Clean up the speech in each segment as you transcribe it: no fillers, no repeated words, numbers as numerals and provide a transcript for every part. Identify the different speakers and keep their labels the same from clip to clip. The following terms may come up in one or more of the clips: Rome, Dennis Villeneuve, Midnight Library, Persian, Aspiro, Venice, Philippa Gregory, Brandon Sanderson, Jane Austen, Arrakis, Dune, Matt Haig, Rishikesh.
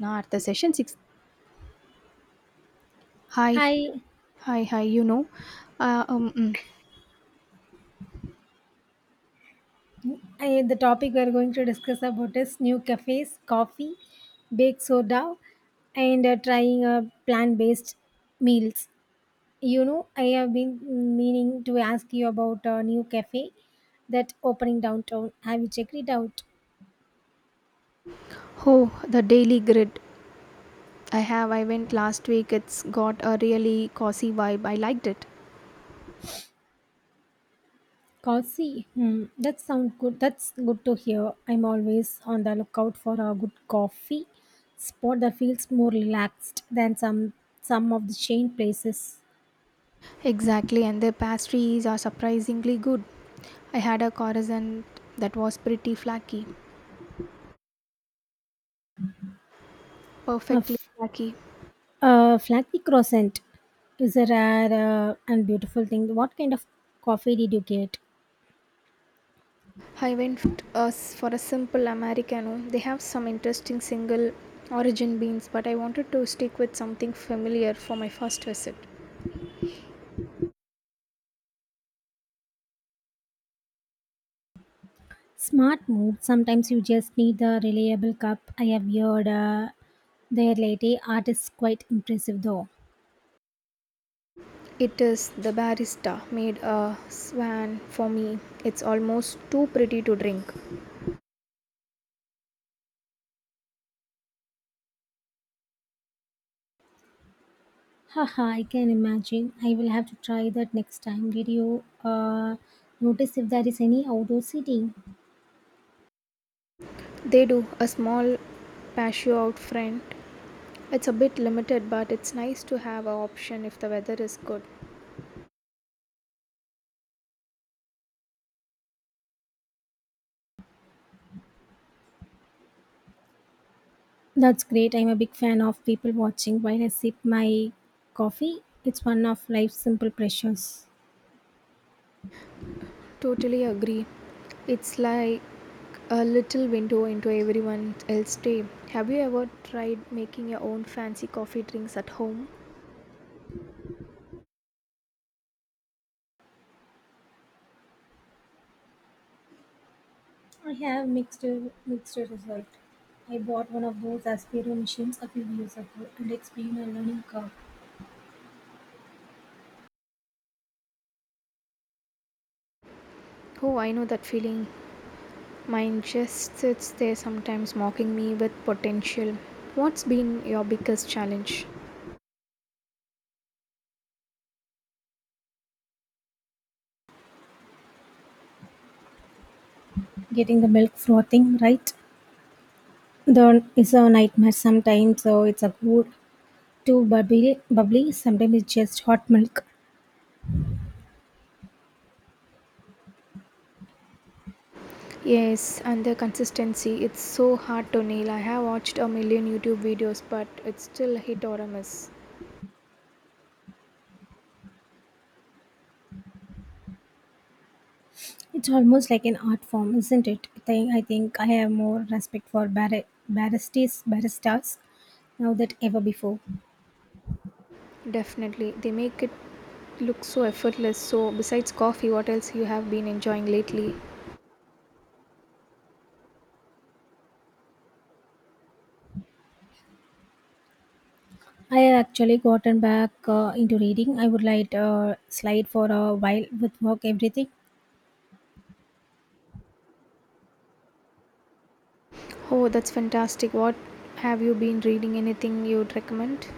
Speaker 1: Now at the session six. Hi,
Speaker 2: Hi,
Speaker 1: hi, hi. Uh, um, mm.
Speaker 2: I, the topic we are going to discuss about is new cafes, coffee, baked soda, and trying plant-based meals. You know, I have been meaning to ask you about a new cafe that opening downtown. Have you checked it out?
Speaker 1: oh, the daily grid. I have. I went last week. It's got a really cozy vibe. I liked it.
Speaker 2: Coffee. Hmm, that sounds good. That's good to hear. I'm always on the lookout for a good coffee spot that feels more relaxed than some of the chain places.
Speaker 1: Exactly, and their pastries are surprisingly good. I had a croissant that was pretty
Speaker 2: Ugh.
Speaker 1: perfectly flaky.
Speaker 2: Flaky croissant is a rare and beautiful thing. What kind of coffee did you get?
Speaker 1: I went f- us for a simple americano. They have some interesting single origin beans, but I wanted to stick with something familiar for my first visit.
Speaker 2: Smart move. Sometimes you just need a reliable cup. I have heard their latte art is quite impressive though.
Speaker 1: It is the barista made a swan for me. It's almost too pretty to drink.
Speaker 2: Haha, I can imagine. I will have to try that next time. Did you notice if there is any outdoor seating?
Speaker 1: They do a small patio out front. It's a bit limited, but it's nice to have an option if the weather is good.
Speaker 2: That's great. I'm a big fan of people watching while I sip my coffee. It's one of life's simple pleasures.
Speaker 1: Totally agree. It's like a little window into everyone else's day. Have you ever tried making your own fancy coffee drinks at home?
Speaker 2: I have mixed result. I bought one of those Aspiro machines a few years ago and it's been a learning curve.
Speaker 1: Oh, I know that feeling. Mine just sits there sometimes mocking me with potential. What's been your biggest challenge?
Speaker 2: Getting the milk frothing right there is a nightmare sometimes. So it's a good too bubbly, bubbly. Sometimes it's just hot milk.
Speaker 1: Yes, and the consistency. It's so hard to nail. I have watched a million YouTube videos, but it's still a hit or a miss.
Speaker 2: It's almost like an art form, isn't it? I think I have more respect for bar baristas now than ever before.
Speaker 1: Definitely. They make it look so effortless. So, besides coffee, what else you have been enjoying lately?
Speaker 2: I have actually gotten back into reading. I would like slide for a while with work everything.
Speaker 1: Oh, that's fantastic. What have you been reading? Anything you'd recommend?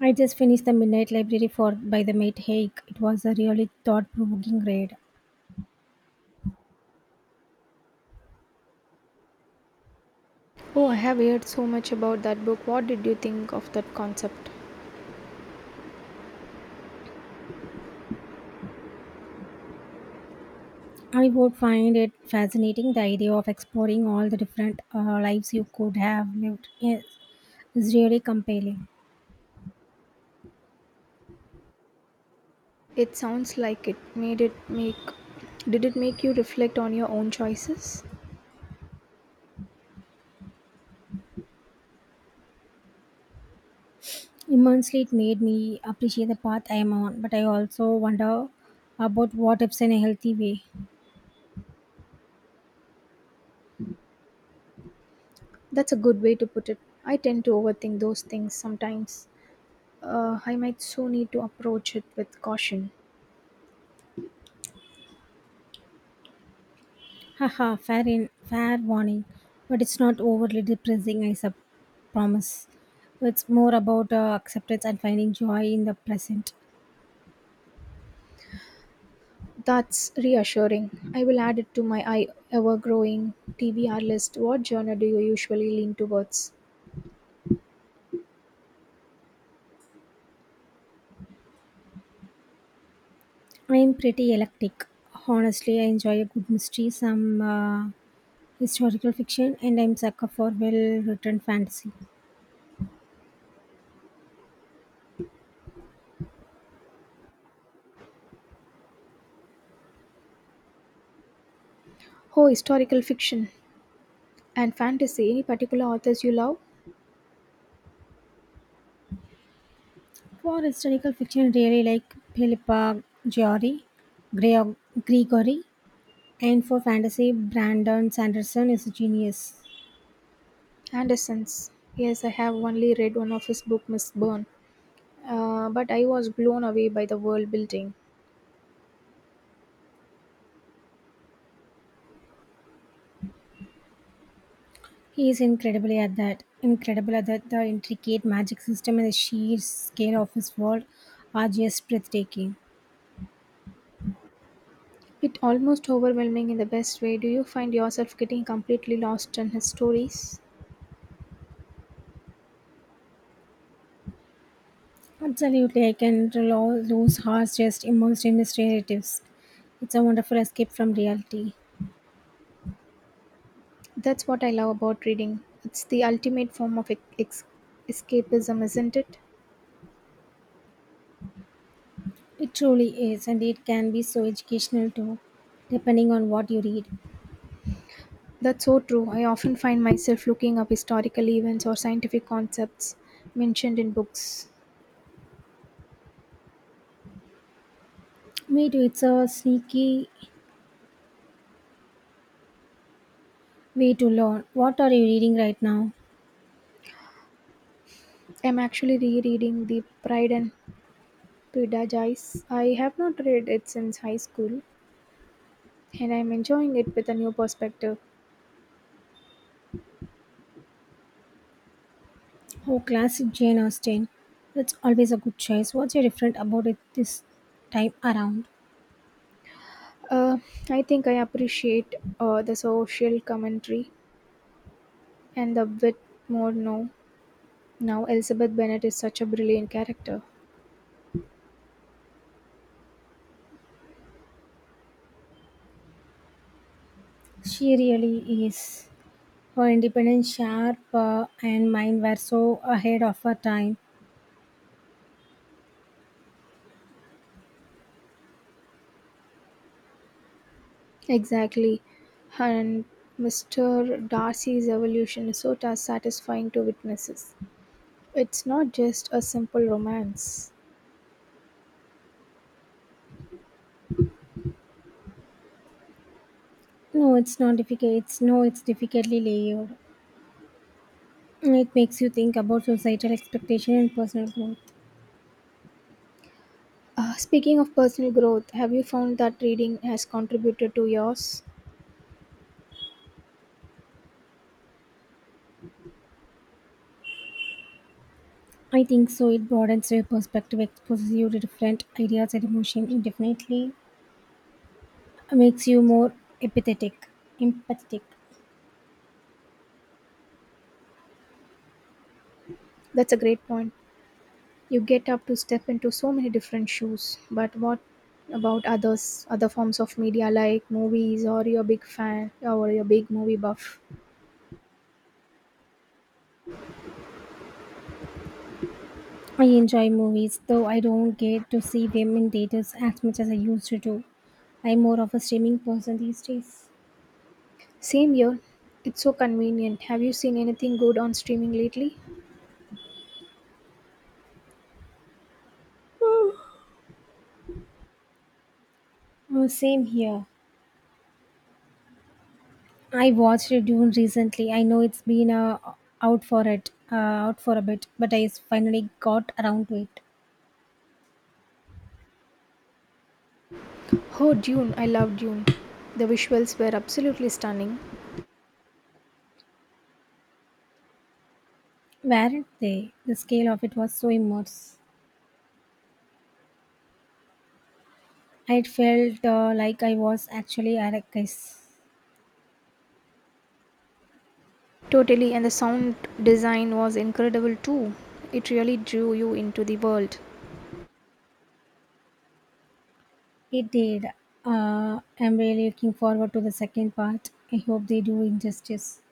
Speaker 2: I just finished the Midnight Library for by the Mate Haig. It was a really thought-provoking read.
Speaker 1: Oh, I have heard so much about that book. What did you think of that concept?
Speaker 2: I would find it fascinating, the idea of exploring all the different lives you could have lived. Yes, is really compelling.
Speaker 1: It sounds like it made it make Did it make you reflect on your own choices?
Speaker 2: Immensely, it made me appreciate the path I am on, but I also wonder about what ifs in a healthy way.
Speaker 1: That's a good way to put it. I tend to overthink those things sometimes. I might so need to approach it with caution.
Speaker 2: Haha, fair warning, but it's not overly depressing. Promise. It's more about acceptance and finding joy in the present.
Speaker 1: That's reassuring. I will add it to my I ever growing TBR list. What genre do you usually lean towards?
Speaker 2: I'm pretty eclectic. Honestly, I enjoy a good mystery, some historical fiction, and I'm sucker for well-written fantasy.
Speaker 1: Oh, historical fiction and fantasy. Any particular authors you love?
Speaker 2: For historical fiction, really like Philippa Giori, Greg- Gregory, and for fantasy, Brandon Sanderson is a genius.
Speaker 1: Anderson's. Yes, I have only read one of his book, Miss Byrne. But I was blown away by the world building.
Speaker 2: He is incredibly at that. Incredible at that. The intricate magic system and the sheer scale of his world are just breathtaking.
Speaker 1: It almost overwhelming in the best way. Do you find yourself getting completely lost in his stories?
Speaker 2: Absolutely, lose hearts just immersed in these narratives. It's a wonderful escape from reality.
Speaker 1: That's what I love about reading. It's the ultimate form of escapism, isn't it?
Speaker 2: It truly is, and it can be so educational too, depending on what you read.
Speaker 1: That's so true. I often find myself looking up historical events or scientific concepts mentioned in books.
Speaker 2: Me too, it's a sneaky way to learn. What are you reading right now?
Speaker 1: I'm actually rereading The Pride and Prejudice. I have not read it since high school, and I'm enjoying it with a new perspective.
Speaker 2: Oh, classic Jane Austen. That's always a good choice. What's your different about it this time around?
Speaker 1: Uh, I think I appreciate the social commentary and a bit more now. Now, Elizabeth Bennet is such a brilliant character.
Speaker 2: She really is. Her independent, sharp, and mine were so ahead of her time.
Speaker 1: Exactly. And Mr. Darcy's evolution is so satisfying to witnesses. It's not just a simple romance.
Speaker 2: No, it's not difficult. It's no, it's difficultly layered. It makes you think about societal expectation and personal growth.
Speaker 1: Speaking of personal growth, have you found that reading has contributed to yours?
Speaker 2: I think so. It broadens your perspective, exposes you to different ideas and emotion. It definitely makes you more empathetic. Empathetic.
Speaker 1: That's a great point. You get up to step into so many different shoes. But what about other forms of media like movies or you a big fan or you a big movie buff?
Speaker 2: I enjoy movies, though I don't get to see them in theaters as much as I used to do. I'm more of a streaming person these days.
Speaker 1: Same here. It's so convenient. Have you seen anything good on streaming lately?
Speaker 2: Oh, same here. I watched Dune recently. I know it's been out for a bit, but I finally got around to it.
Speaker 1: Oh, Dune. I love Dune. The visuals were absolutely stunning.
Speaker 2: Weren't they? The scale of it was so immense. I felt like I was actually Arrakis.
Speaker 1: Totally, and the sound design was incredible too. It really drew you into the world.
Speaker 2: It did. I'm really looking forward to the second part. I hope they do injustice.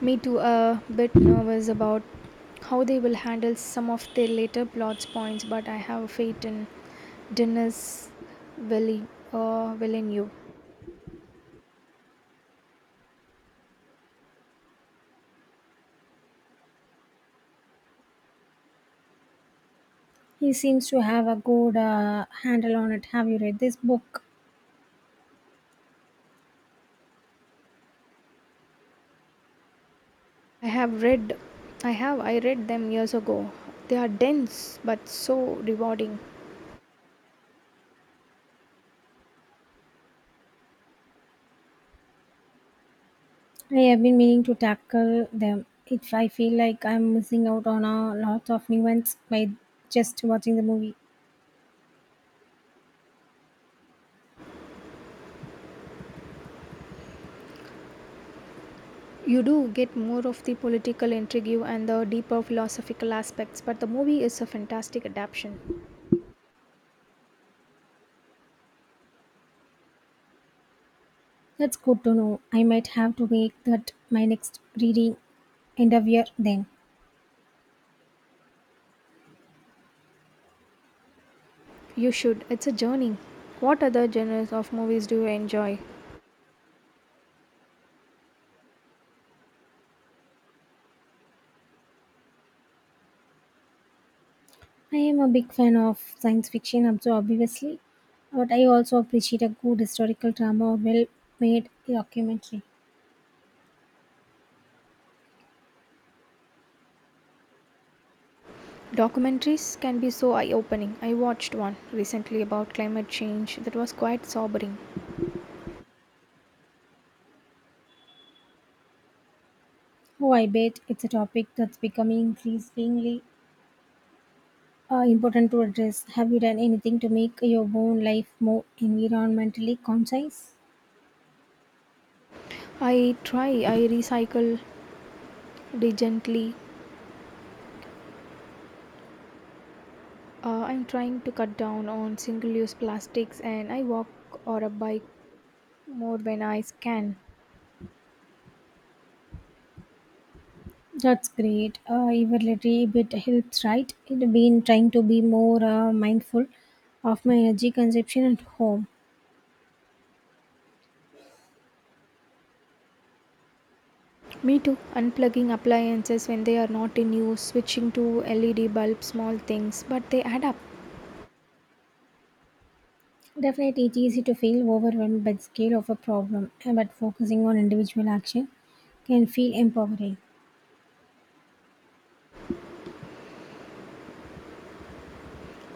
Speaker 1: Me too, a bit nervous about how they will handle some of their later plot points, but I have a faith in Dennis Villeneuve. Uh, Villeneuve.
Speaker 2: He seems to have a good handle on it. Have you read this book?
Speaker 1: I have read, I have, I read them years ago. They are dense but so rewarding.
Speaker 2: I have been meaning to tackle them. If I feel like I'm missing out on a lot of nuance by just watching the movie,
Speaker 1: You do get more of the political intrigue and the deeper philosophical aspects, but the movie is a fantastic adaptation.
Speaker 2: that's good to know. I might have to make that my next reading endeavor then.
Speaker 1: You should. It's a journey. What other genres of movies do you enjoy?
Speaker 2: I am a big fan of science fiction, also obviously, but I also appreciate a good historical drama or well made documentary.
Speaker 1: Documentaries can be so eye opening. I watched one recently about climate change that was quite sobering.
Speaker 2: Oh, I bet it's a topic that's becoming increasingly important to address. Have you done anything to make your own life more environmentally conscious?
Speaker 1: I recycle diligently. I'm trying to cut down on single use plastics and I walk or a bike more when I can.
Speaker 2: That's great. Even little bit helps, right? I've been trying to be more mindful of my energy consumption at home.
Speaker 1: Me too. Unplugging appliances when they are not in use, switching to LED bulbs, small things, but they add up.
Speaker 2: Definitely, it's easy to feel overwhelmed by the scale of a problem, but focusing on individual action can feel empowering.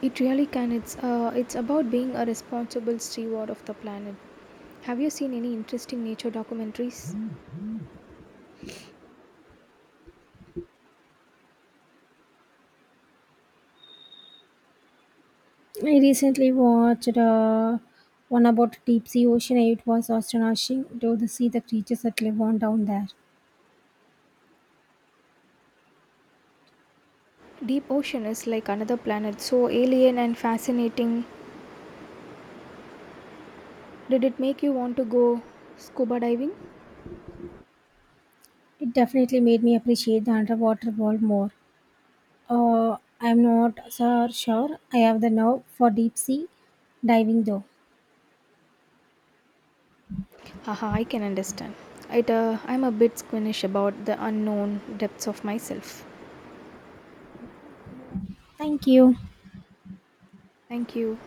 Speaker 1: It really can. It's about being a responsible steward of the planet. Have you seen any interesting nature documentaries?
Speaker 2: I recently watched one about deep sea ocean. It was astonishing to see the creatures that live on down there.
Speaker 1: Deep Ocean is like another planet, so alien and fascinating. Did it make you want to go scuba diving?
Speaker 2: It definitely made me appreciate the underwater world more. I'm not so sure I have the nerve for deep sea diving though.
Speaker 1: Haha, I can understand. I'm a bit squeamish about the unknown depths of myself.
Speaker 2: Thank you.
Speaker 1: Thank you.